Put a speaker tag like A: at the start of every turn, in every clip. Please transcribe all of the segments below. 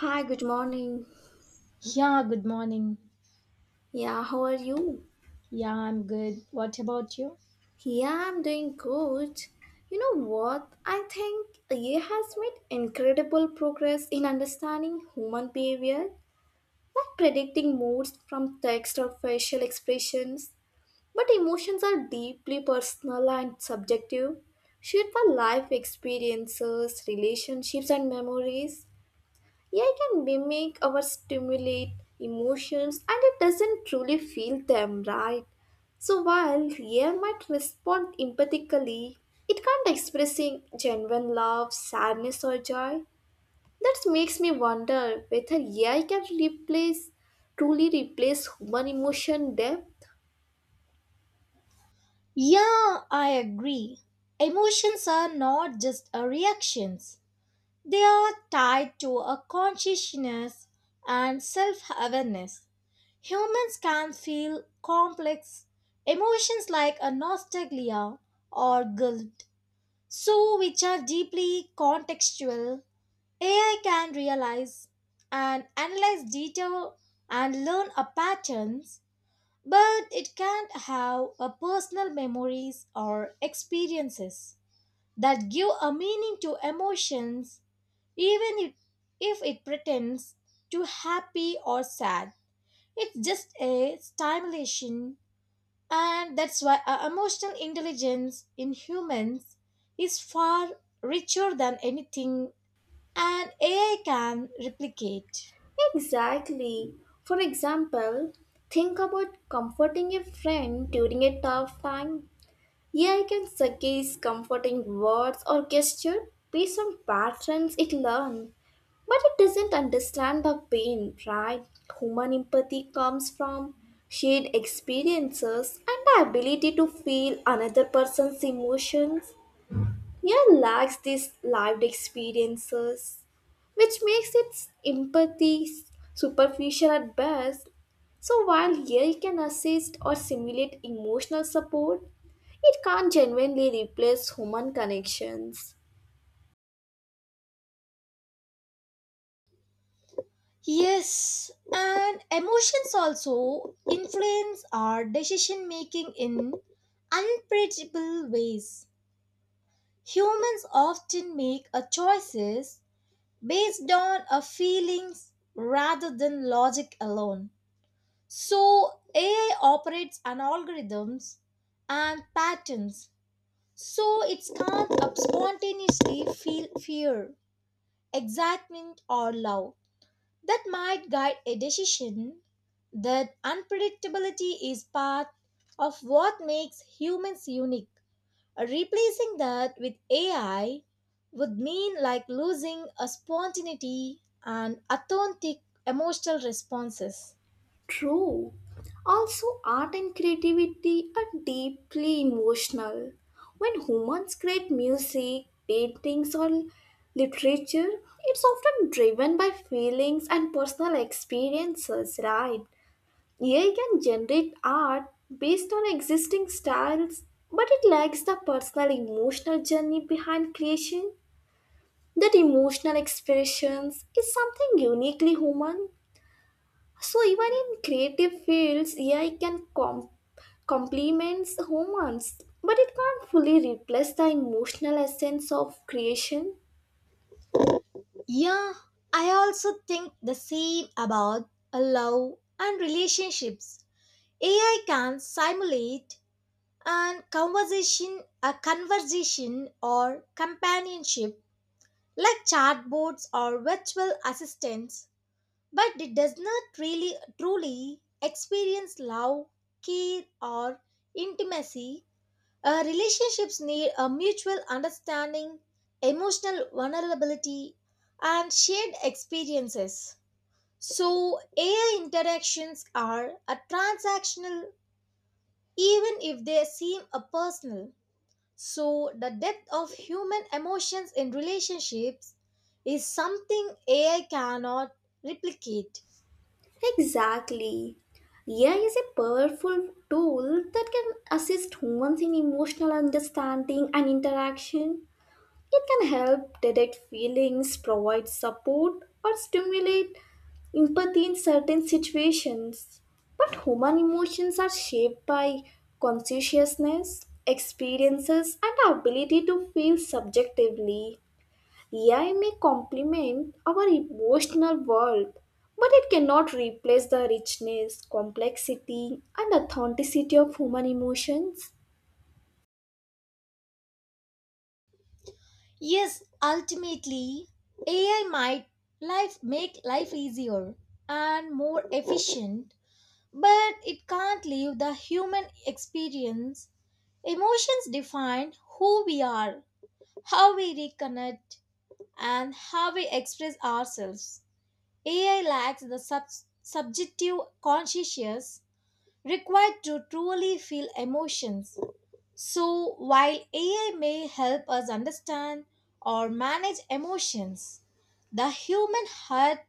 A: Hi, good morning.
B: Yeah, good morning.
A: Yeah, how are you?
B: Yeah, I'm good. What about you?
A: Yeah, I'm doing good. You know what? I think AI has made incredible progress in understanding human behavior, like predicting moods from text or facial expressions. But emotions are deeply personal and subjective, shaped by life experiences, relationships, and memories. AI can mimic or stimulate emotions, and it doesn't truly feel them, right? So while AI might respond empathically, it can't expressing genuine love, sadness or joy. That makes me wonder whether AI can replace, truly replace human emotion depth.
B: Yeah, I agree. Emotions are not just a reactions. They are tied to a consciousness and self-awareness. Humans can feel complex emotions like a nostalgia or guilt, so which are deeply contextual. AI can realize and analyze data and learn a patterns, but it can't have a personal memories or experiences that give a meaning to emotions even if it pretends to happy or sad. It's just a stimulation, and that's why our emotional intelligence in humans is far richer than anything an AI can replicate.
A: Exactly. For example, think about comforting a friend during a tough time. Yeah, I can suggest comforting words or gesture based on patterns it learned, but it doesn't understand the pain, right? Human empathy comes from shared experiences and the ability to feel another person's emotions. Yeah, lacks these lived experiences, which makes its empathy superficial at best. So while AI can assist or simulate emotional support, it can't genuinely replace human connections.
B: Yes, and emotions also influence our decision making in unpredictable ways. Humans often make a choices based on our feelings rather than logic alone. So AI operates on algorithms and patterns. So it can't spontaneously feel fear, excitement or love that might guide a decision. That unpredictability is part of what makes humans unique. Replacing that with AI would mean like losing a spontaneity and authentic emotional responses.
A: True. Also, art and creativity are deeply emotional. When humans create music, paintings, or literature, it's often driven by feelings and personal experiences, right? AI can generate art based on existing styles, but it lacks the personal emotional journey behind creation. That emotional expressions is something uniquely human. So even in creative fields, AI complements humans, but it can't fully replace the emotional essence of creation.
B: Yeah, I also think the same about a love and relationships. AI can simulate and conversation, a conversation or companionship like chatbots or virtual assistants, but it does not really truly experience love, care, or intimacy. Relationships need a mutual understanding, emotional vulnerability, and shared experiences. So, AI interactions are a transactional even if they seem a personal. So, the depth of human emotions in relationships is something AI cannot replicate.
A: Exactly. AI is a powerful tool that can assist humans in emotional understanding and interaction. It can help detect feelings, provide support, or stimulate empathy in certain situations. But human emotions are shaped by consciousness, experiences, and our ability to feel subjectively. AI may complement our emotional world, but it cannot replace the richness, complexity, and authenticity of human emotions.
B: Yes, ultimately, AI might life make life easier and more efficient, but it can't leave the human experience. Emotions define who we are, how we reconnect, and how we express ourselves. AI lacks the subjective consciousness required to truly feel emotions. So, while AI may help us understand or manage emotions, the human heart,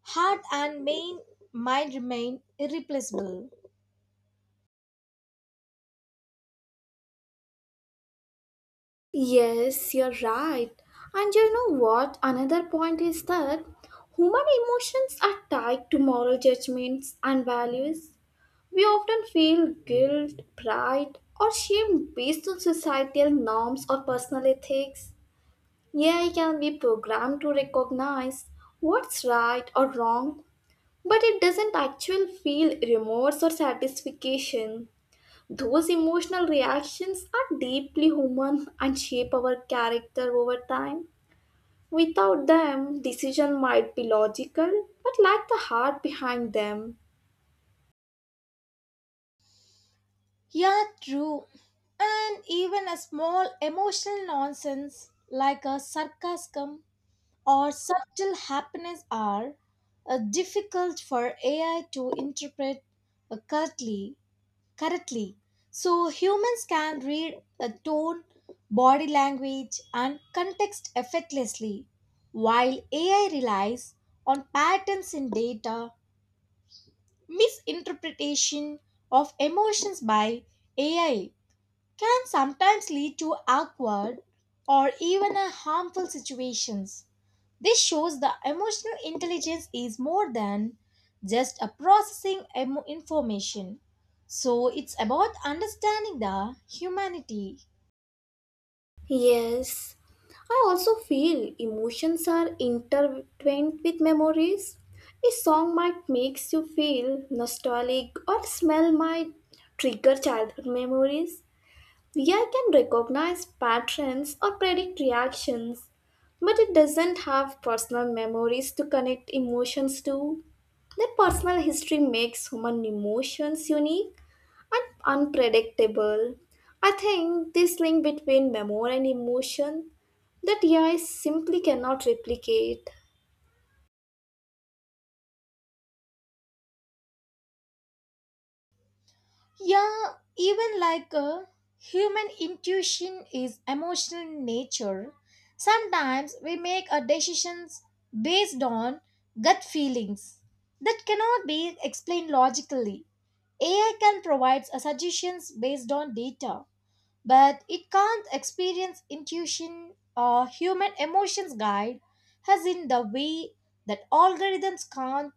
B: heart and main mind remain irreplaceable.
A: Yes, you're right. And you know what? Another point is that human emotions are tied to moral judgments and values. We often feel guilt, pride, or shame based on societal norms or personal ethics. AI can be programmed to recognize what's right or wrong, but it doesn't actually feel remorse or satisfaction. Those emotional reactions are deeply human and shape our character over time. Without them, decision might be logical but lack the heart behind them.
B: Yeah, true. And even a small emotional nonsense like a sarcasm or subtle happiness are difficult for AI to interpret accurately correctly. So humans can read the tone, body language, and context effortlessly, while AI relies on patterns in data. Misinterpretation of emotions by AI can sometimes lead to awkward or even a harmful situations. This shows the emotional intelligence is more than just a processing information. So it's about understanding the humanity.
A: Yes, I also feel emotions are intertwined with memories. A song might makes you feel nostalgic, or smell might trigger childhood memories. AI can recognize patterns or predict reactions, but it doesn't have personal memories to connect emotions to. The personal history makes human emotions unique and unpredictable. I think this link between memory and emotion that AI simply cannot replicate.
B: Yeah, even like a human intuition is emotional in nature. Sometimes we make our decisions based on gut feelings that cannot be explained logically. AI can provide suggestions based on data, but it can't experience intuition or human emotions guide as in the way that algorithms can't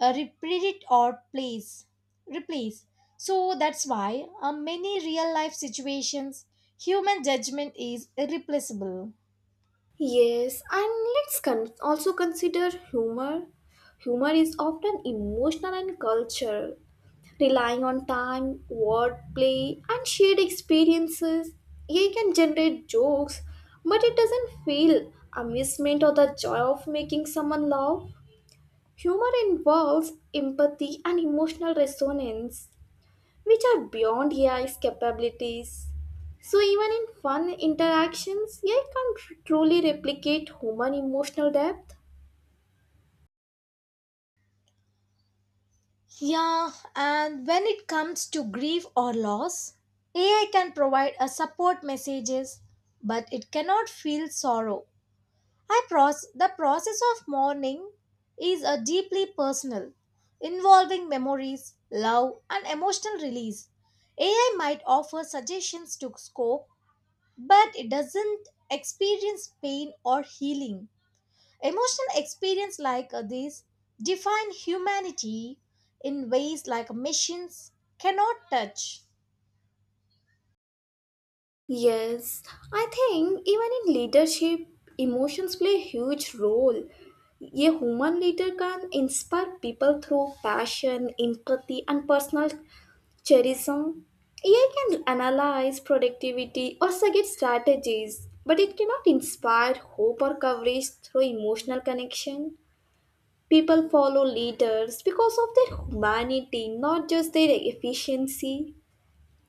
B: repredict or place replace. So that's why many real life situations human judgment is irreplaceable.
A: Yes, and let's also consider humor. Humor is often emotional and cultural, relying on time, wordplay, and shared experiences. AI can generate jokes, but it doesn't feel amusement or the joy of making someone laugh. Humor involves empathy and emotional resonance, which are beyond AI's capabilities. So, even in fun interactions, AI can't truly replicate human emotional depth.
B: Yeah, and when it comes to grief or loss, AI can provide a support messages, but it cannot feel sorrow. The process of mourning is a deeply personal, involving memories, love, and emotional release. AI might offer suggestions to cope, but it doesn't experience pain or healing. Emotional experience like this define humanity in ways like machines cannot touch.
A: Yes, I think even in leadership, emotions play a huge role. A human leader can inspire people through passion, empathy, and personal charism. AI can analyze productivity or suggest strategies, but it cannot inspire hope or courage through emotional connection. People follow leaders because of their humanity, not just their efficiency.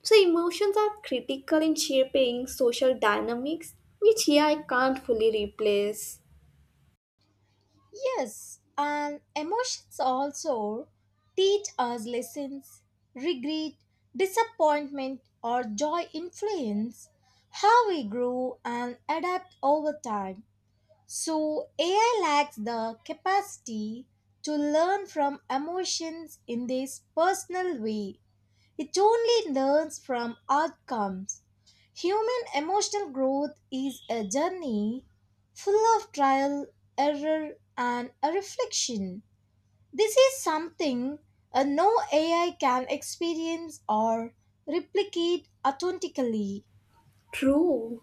A: So emotions are critical in shaping social dynamics, which AI can't fully replace.
B: Yes, and emotions also teach us lessons. Regret, disappointment, or joy influence how we grow and adapt over time. So, AI lacks the capacity to learn from emotions in this personal way. It only learns from outcomes. Human emotional growth is a journey full of trial, error, and a reflection. This is something no AI can experience or replicate authentically.
A: True.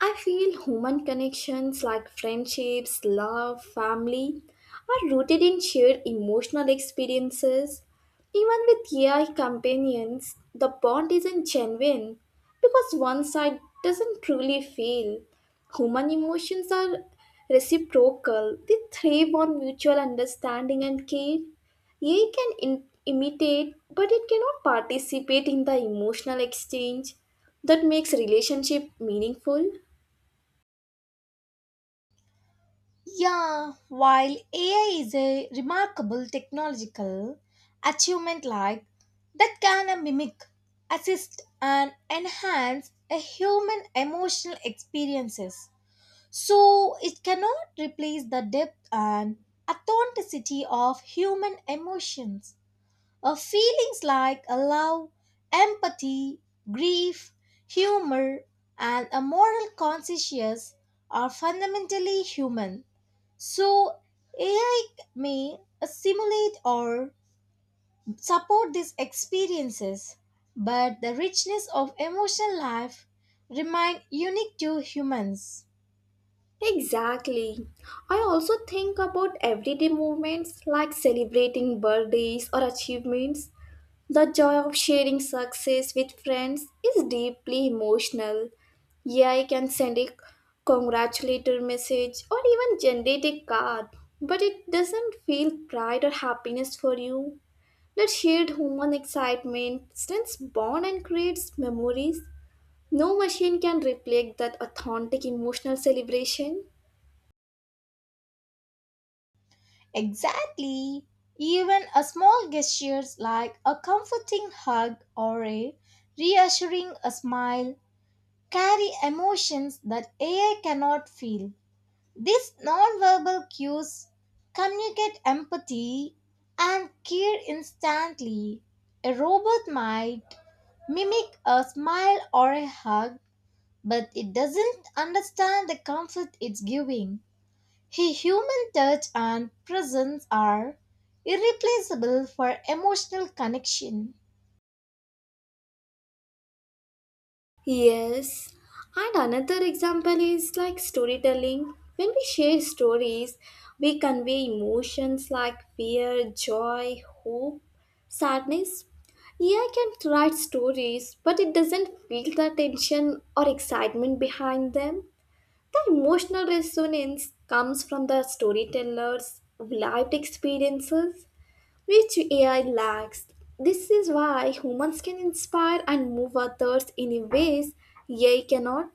A: I feel human connections like friendships, love, family are rooted in shared emotional experiences. Even with AI companions, the bond isn't genuine because one side doesn't truly feel. Human emotions are reciprocal, they thrive on mutual understanding and care. AI can imitate, but it cannot participate in the emotional exchange that makes relationship meaningful.
B: Yeah, while AI is a remarkable technological achievement like that can mimic, assist and enhance a human emotional experiences. So it cannot replace the depth and authenticity of human emotions. Feelings like love, empathy, grief, humor, and a moral conscience are fundamentally human. So, AI may assimilate or support these experiences, but the richness of emotional life remain unique to humans.
A: Exactly. I also think about everyday moments like celebrating birthdays or achievements. The joy of sharing success with friends is deeply emotional. Yeah, I can send a congratulatory message or even generate a card, but it doesn't feel pride or happiness for you. That shared human excitement strengthens bond and creates memories. No machine can replicate that authentic emotional celebration.
B: Exactly. Even a small gestures like a comforting hug or a reassuring a smile carry emotions that AI cannot feel. These nonverbal cues communicate empathy and care instantly. A robot might mimic a smile or a hug, but it doesn't understand the comfort it's giving. A human touch and presence are irreplaceable for emotional connection.
A: Yes. And another example is like storytelling. When we share stories, we convey emotions like fear, joy, hope, sadness. AI can write stories, but it doesn't feel the tension or excitement behind them. The emotional resonance comes from the storyteller's lived experiences, which AI lacks. This is why humans can inspire and move others in ways AI cannot.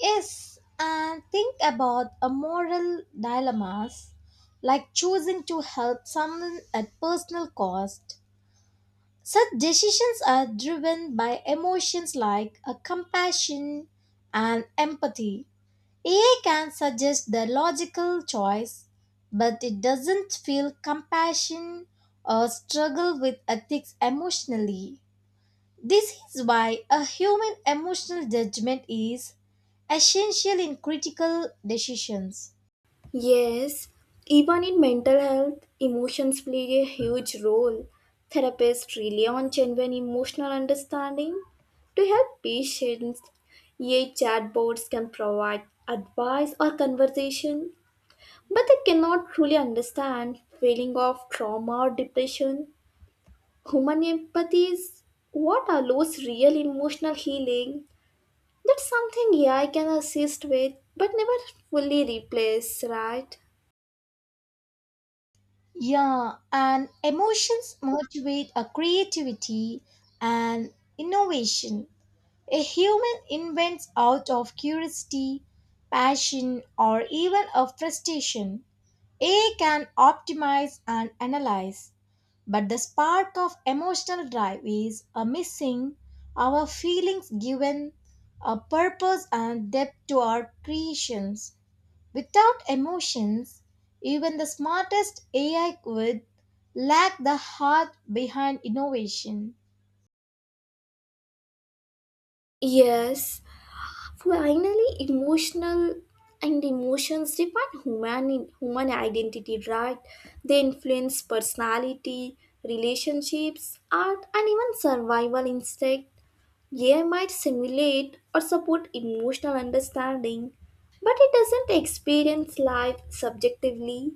B: Yes, and think about a moral dilemmas like choosing to help someone at personal cost. Such decisions are driven by emotions like compassion and empathy. AI can suggest the logical choice, but it doesn't feel compassion or struggle with ethics emotionally. This is why a human emotional judgment is essential in critical decisions.
A: Yes, even in mental health, emotions play a huge role. Therapists rely on genuine emotional understanding to help patients. AI chatbots can provide advice or conversation, but they cannot truly understand feeling of trauma or depression. Human empathy is what allows real emotional healing. That's something yeah I can assist with, but never fully replace, right?
B: Yeah, and emotions motivate a creativity and innovation. A human invents out of curiosity, passion, or even a frustration. AI can optimize and analyze, but the spark of emotional drive is a missing. Our feelings given a purpose and depth to our creations. Without emotions, even the smartest AI would lack the heart behind innovation.
A: Yes, finally, emotional and emotions define human identity, right? They influence personality, relationships, art, and even survival instinct. AI might simulate or support emotional understanding, but it doesn't experience life subjectively.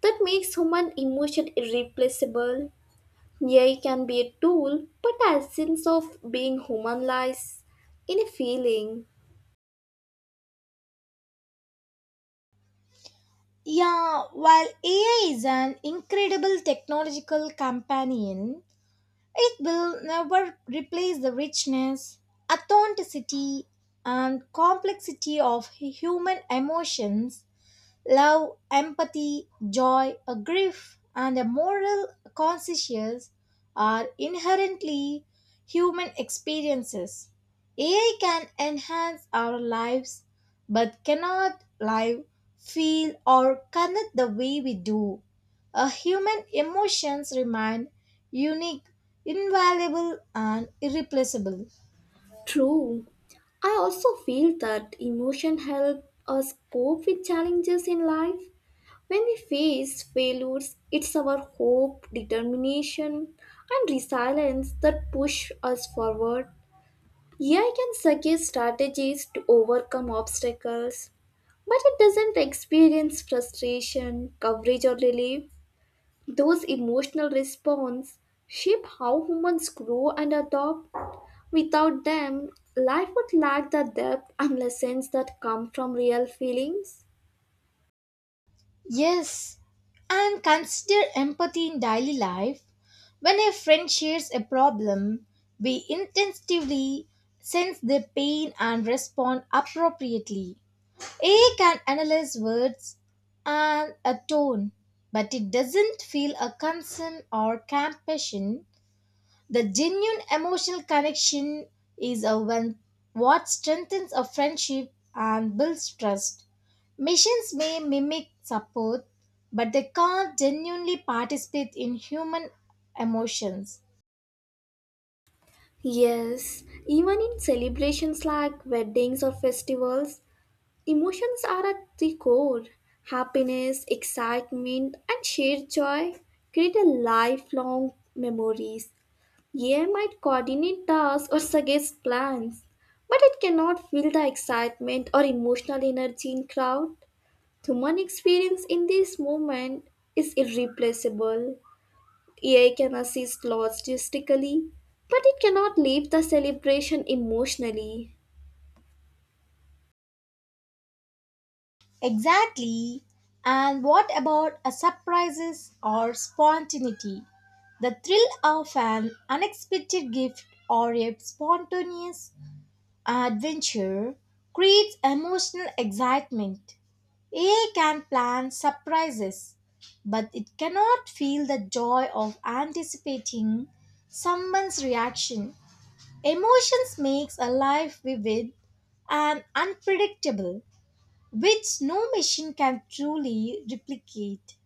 A: That makes human emotion irreplaceable. AI can be a tool, but the essence of being human lies in a feeling.
B: Yeah, while AI is an incredible technological companion, it will never replace the richness, authenticity, and complexity of human emotions. Love, empathy, joy, a grief, and a moral conscience are inherently human experiences. AI can enhance our lives but cannot live, feel, or connect the way we do. A human emotions remain unique, invaluable, and irreplaceable.
A: True. I also feel that emotion help us cope with challenges in life. When we face failures, it's our hope, determination, and resilience that push us forward. AI can suggest strategies to overcome obstacles, but it doesn't experience frustration, coverage, or relief. Those emotional responses shape how humans grow and adopt. Without them, life would lack the depth and lessons that come from real feelings.
B: Yes, and consider empathy in daily life. When a friend shares a problem, we instinctively sense their pain and respond appropriately. A can analyze words and a tone, but it doesn't feel a concern or compassion. The genuine emotional connection is a one what strengthens a friendship and builds trust. Machines may mimic support, but they can't genuinely participate in human emotions.
A: Yes, even in celebrations like weddings or festivals, emotions are at the core. Happiness, excitement, and shared joy create a lifelong memories. AI might coordinate tasks or suggest plans, but it cannot feel the excitement or emotional energy in crowd. Human experience in this moment is irreplaceable. AI can assist logistically, but it cannot leave the celebration emotionally.
B: Exactly. And what about a surprises or spontaneity? The thrill of an unexpected gift or a spontaneous adventure creates emotional excitement. AI can plan surprises, but it cannot feel the joy of anticipating someone's reaction. Emotions makes a life vivid and unpredictable, which no machine can truly replicate.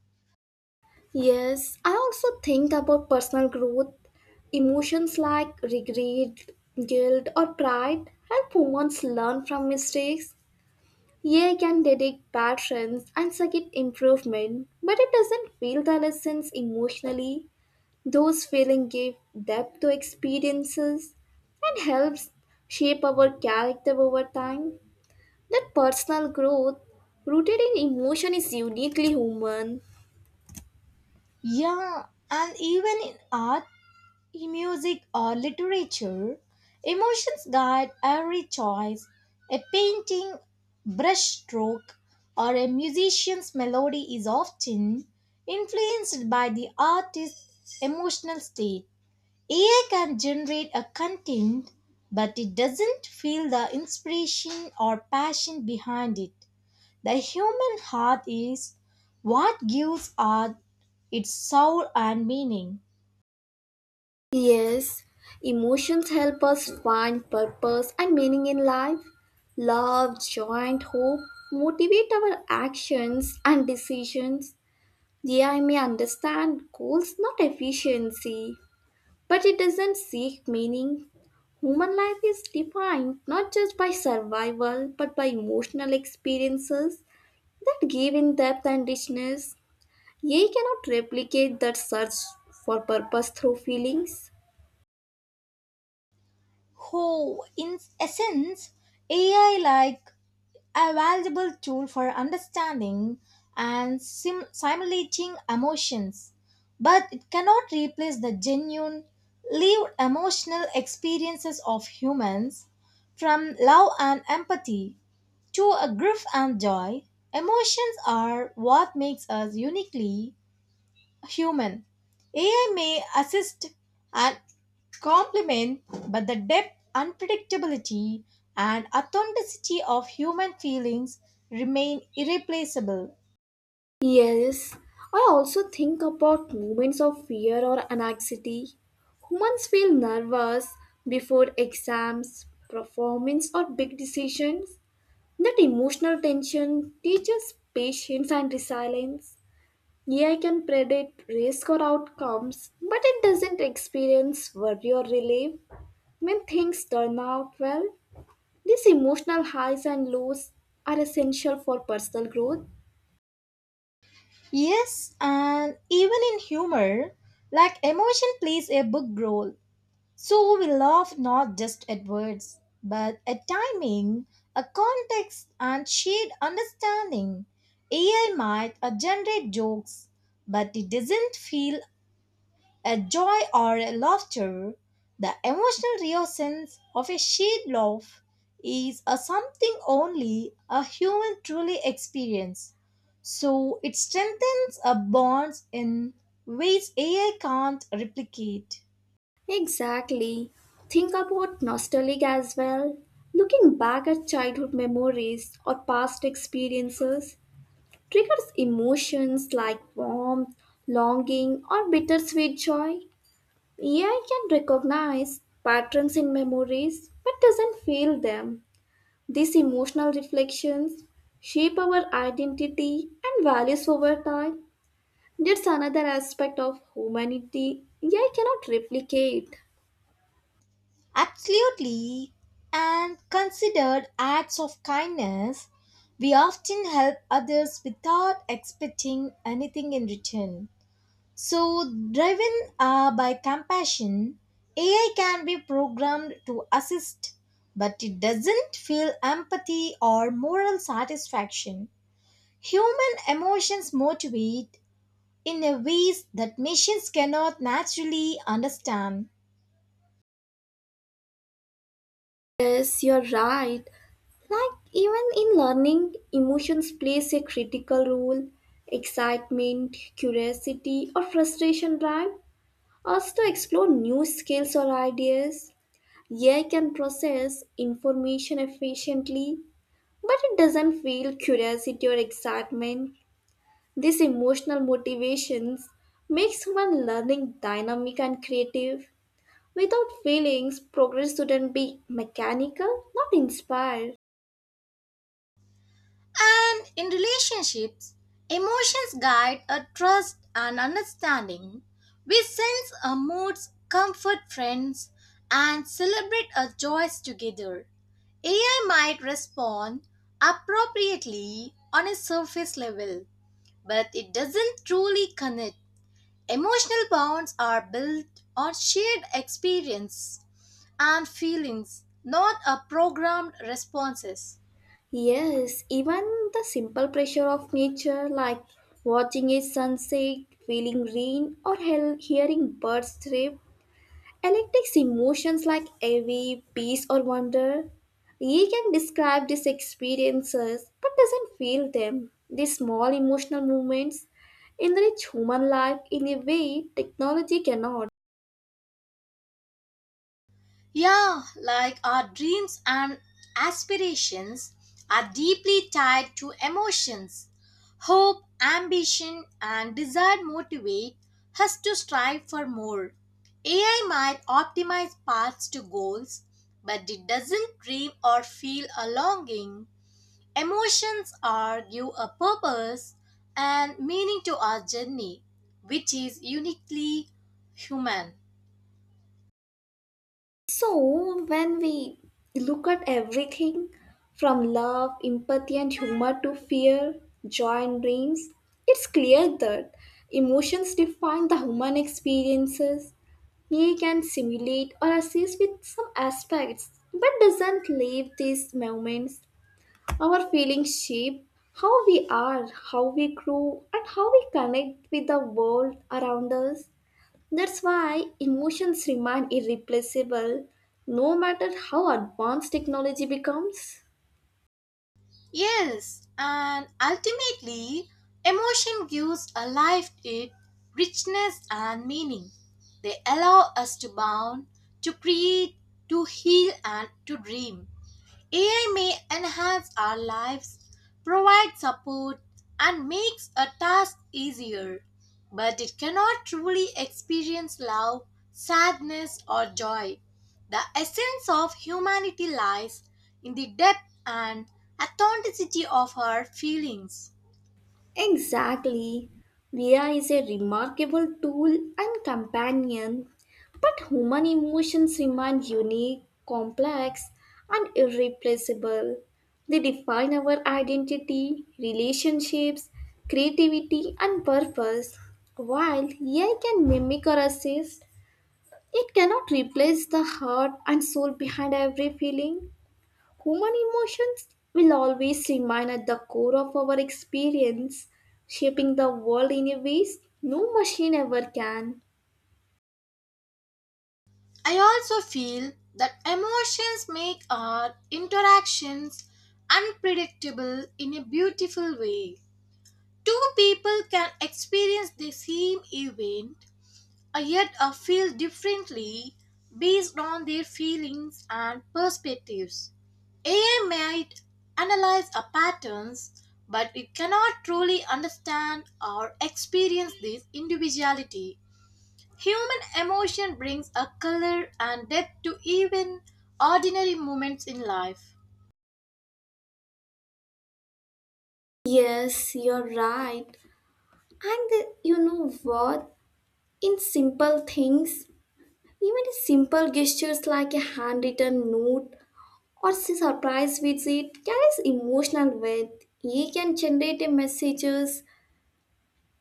A: Yes, I also think about personal growth. Emotions like regret, guilt, or pride help humans learn from mistakes. AI can detect patterns and suggest improvement, but it doesn't feel the lessons emotionally. Those feelings give depth to experiences and helps shape our character over time. That personal growth rooted in emotion is uniquely human.
B: Yeah, and even in art, in music or literature, emotions guide every choice. A painting brushstroke or a musician's melody is often influenced by the artist's emotional state. AI can generate a content, but it doesn't feel the inspiration or passion behind it. The human heart is what gives art its soul and meaning.
A: Yes, emotions help us find purpose and meaning in life. Love, joy, and hope motivate our actions and decisions. Yeah, I may understand goals, not efficiency, but it doesn't seek meaning. Human life is defined not just by survival but by emotional experiences that give in depth and richness. Ye cannot replicate that search for purpose through feelings.
B: Who in essence, AI like a valuable tool for understanding and simulating emotions, but it cannot replace the genuine lived emotional experiences of humans. From love and empathy to a grief and joy, emotions are what makes us uniquely human. AI may assist and complement, but the depth, unpredictability, and authenticity of human feelings remain irreplaceable.
A: Yes, I also think about moments of fear or anxiety. Humans feel nervous before exams, performance, or big decisions. That emotional tension teaches patience and resilience. AI can predict risk or outcomes, but it doesn't experience worry or relief when things turn out well. These emotional highs and lows are essential for personal growth.
B: Yes, and even in humor, like emotion plays a big role. So we laugh not just at words, but at timing, a context, and shared understanding. AI might generate jokes, but it doesn't feel a joy or a laughter. The emotional reasons of a shared laugh is a something only a human truly experience. So it strengthens a bonds in ways AI can't replicate.
A: Exactly. Think about nostalgia as well. Looking back at childhood memories or past experiences triggers emotions like warmth, longing, or bittersweet joy. AI can recognize patterns in memories but doesn't feel them. These emotional reflections shape our identity and values over time. That's another aspect of humanity yeah I cannot replicate.
B: Absolutely, and considered acts of kindness, we often help others without expecting anything in return. So, driven by compassion, AI can be programmed to assist, but it doesn't feel empathy or moral satisfaction. Human emotions motivate in a ways that machines cannot naturally understand.
A: Yes, you're right. Like, even in learning, emotions plays a critical role. Excitement, curiosity, or frustration drive us to explore new skills or ideas. AI can process information efficiently, but it doesn't feel curiosity or excitement. These emotional motivations makes human learning dynamic and creative. Without feelings, progress wouldn't be mechanical, not inspired.
B: And in relationships, emotions guide a trust and understanding. We sense our moods, comfort friends, and celebrate our joys together. AI might respond appropriately on a surface level, but it doesn't truly connect. Emotional bonds are built on shared experience and feelings, not a programmed responses.
A: Yes, even the simple pressure of nature, like watching a sunset, feeling rain, or hearing birds chirp, electrics emotions like envy, peace, or wonder. He can describe these experiences but doesn't feel them. These small emotional movements enrich human life in a way technology cannot.
B: Yeah, like our dreams and aspirations are deeply tied to emotions. Hope, ambition, and desire motivate us to strive for more. AI might optimize paths to goals, but it doesn't dream or feel a longing. Emotions are give a purpose and meaning to our journey, which is uniquely human.
A: So, when we look at everything from love, empathy, and humor to fear, joy, and dreams, it's clear that emotions define the human experiences. We can simulate or assist with some aspects, but doesn't leave these moments. Our feelings shape how we are, how we grow, and how we connect with the world around us. That's why emotions remain irreplaceable no matter how advanced technology becomes.
B: Yes, and ultimately, emotion gives a life it richness and meaning. They allow us to bound, to create, to heal, and to dream. AI may enhance our lives, provide support, and makes a task easier, but it cannot truly experience love, sadness, or joy. The essence of humanity lies in the depth and authenticity of our feelings.
A: Exactly. VR is a remarkable tool and companion, but human emotions remain unique, complex, and irreplaceable. They define our identity, relationships, creativity, and purpose, while AI can mimic or assist. It cannot replace the heart and soul behind every feeling. Human emotions will always remain at the core of our experience, shaping the world in a ways no machine ever can.
B: I also feel that emotions make our interactions unpredictable in a beautiful way. Two people can experience the same event, yet feel differently based on their feelings and perspectives. AI might analyze our patterns, but it cannot truly understand or experience this individuality. Human emotion brings a color and depth to even ordinary moments in life.
A: Yes, you're right. And you know what? In simple things, even simple gestures like a handwritten note or surprise visit carries emotional weight. It can generate a messages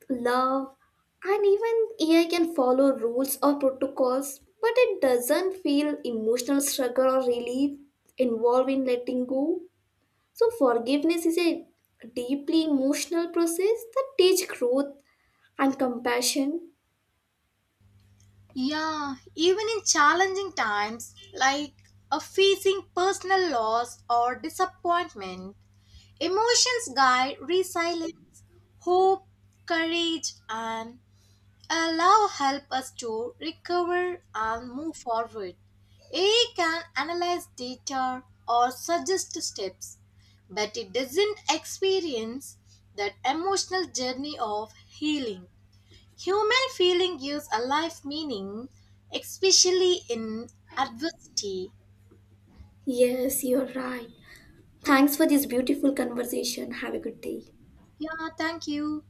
A: love, and even AI can follow rules or protocols, but it doesn't feel emotional struggle or relief involved in letting go. So, forgiveness is a deeply emotional process that teaches growth and compassion.
B: Yeah, even in challenging times like a facing personal loss or disappointment, emotions guide resilience, hope, courage, and allow help us to recover and move forward. AI can analyze data or suggest steps, but it doesn't experience that emotional journey of healing. Human feeling gives a life meaning, especially in adversity.
A: Yes, you're right. Thanks for this beautiful conversation. Have a good day.
B: Yeah, thank you.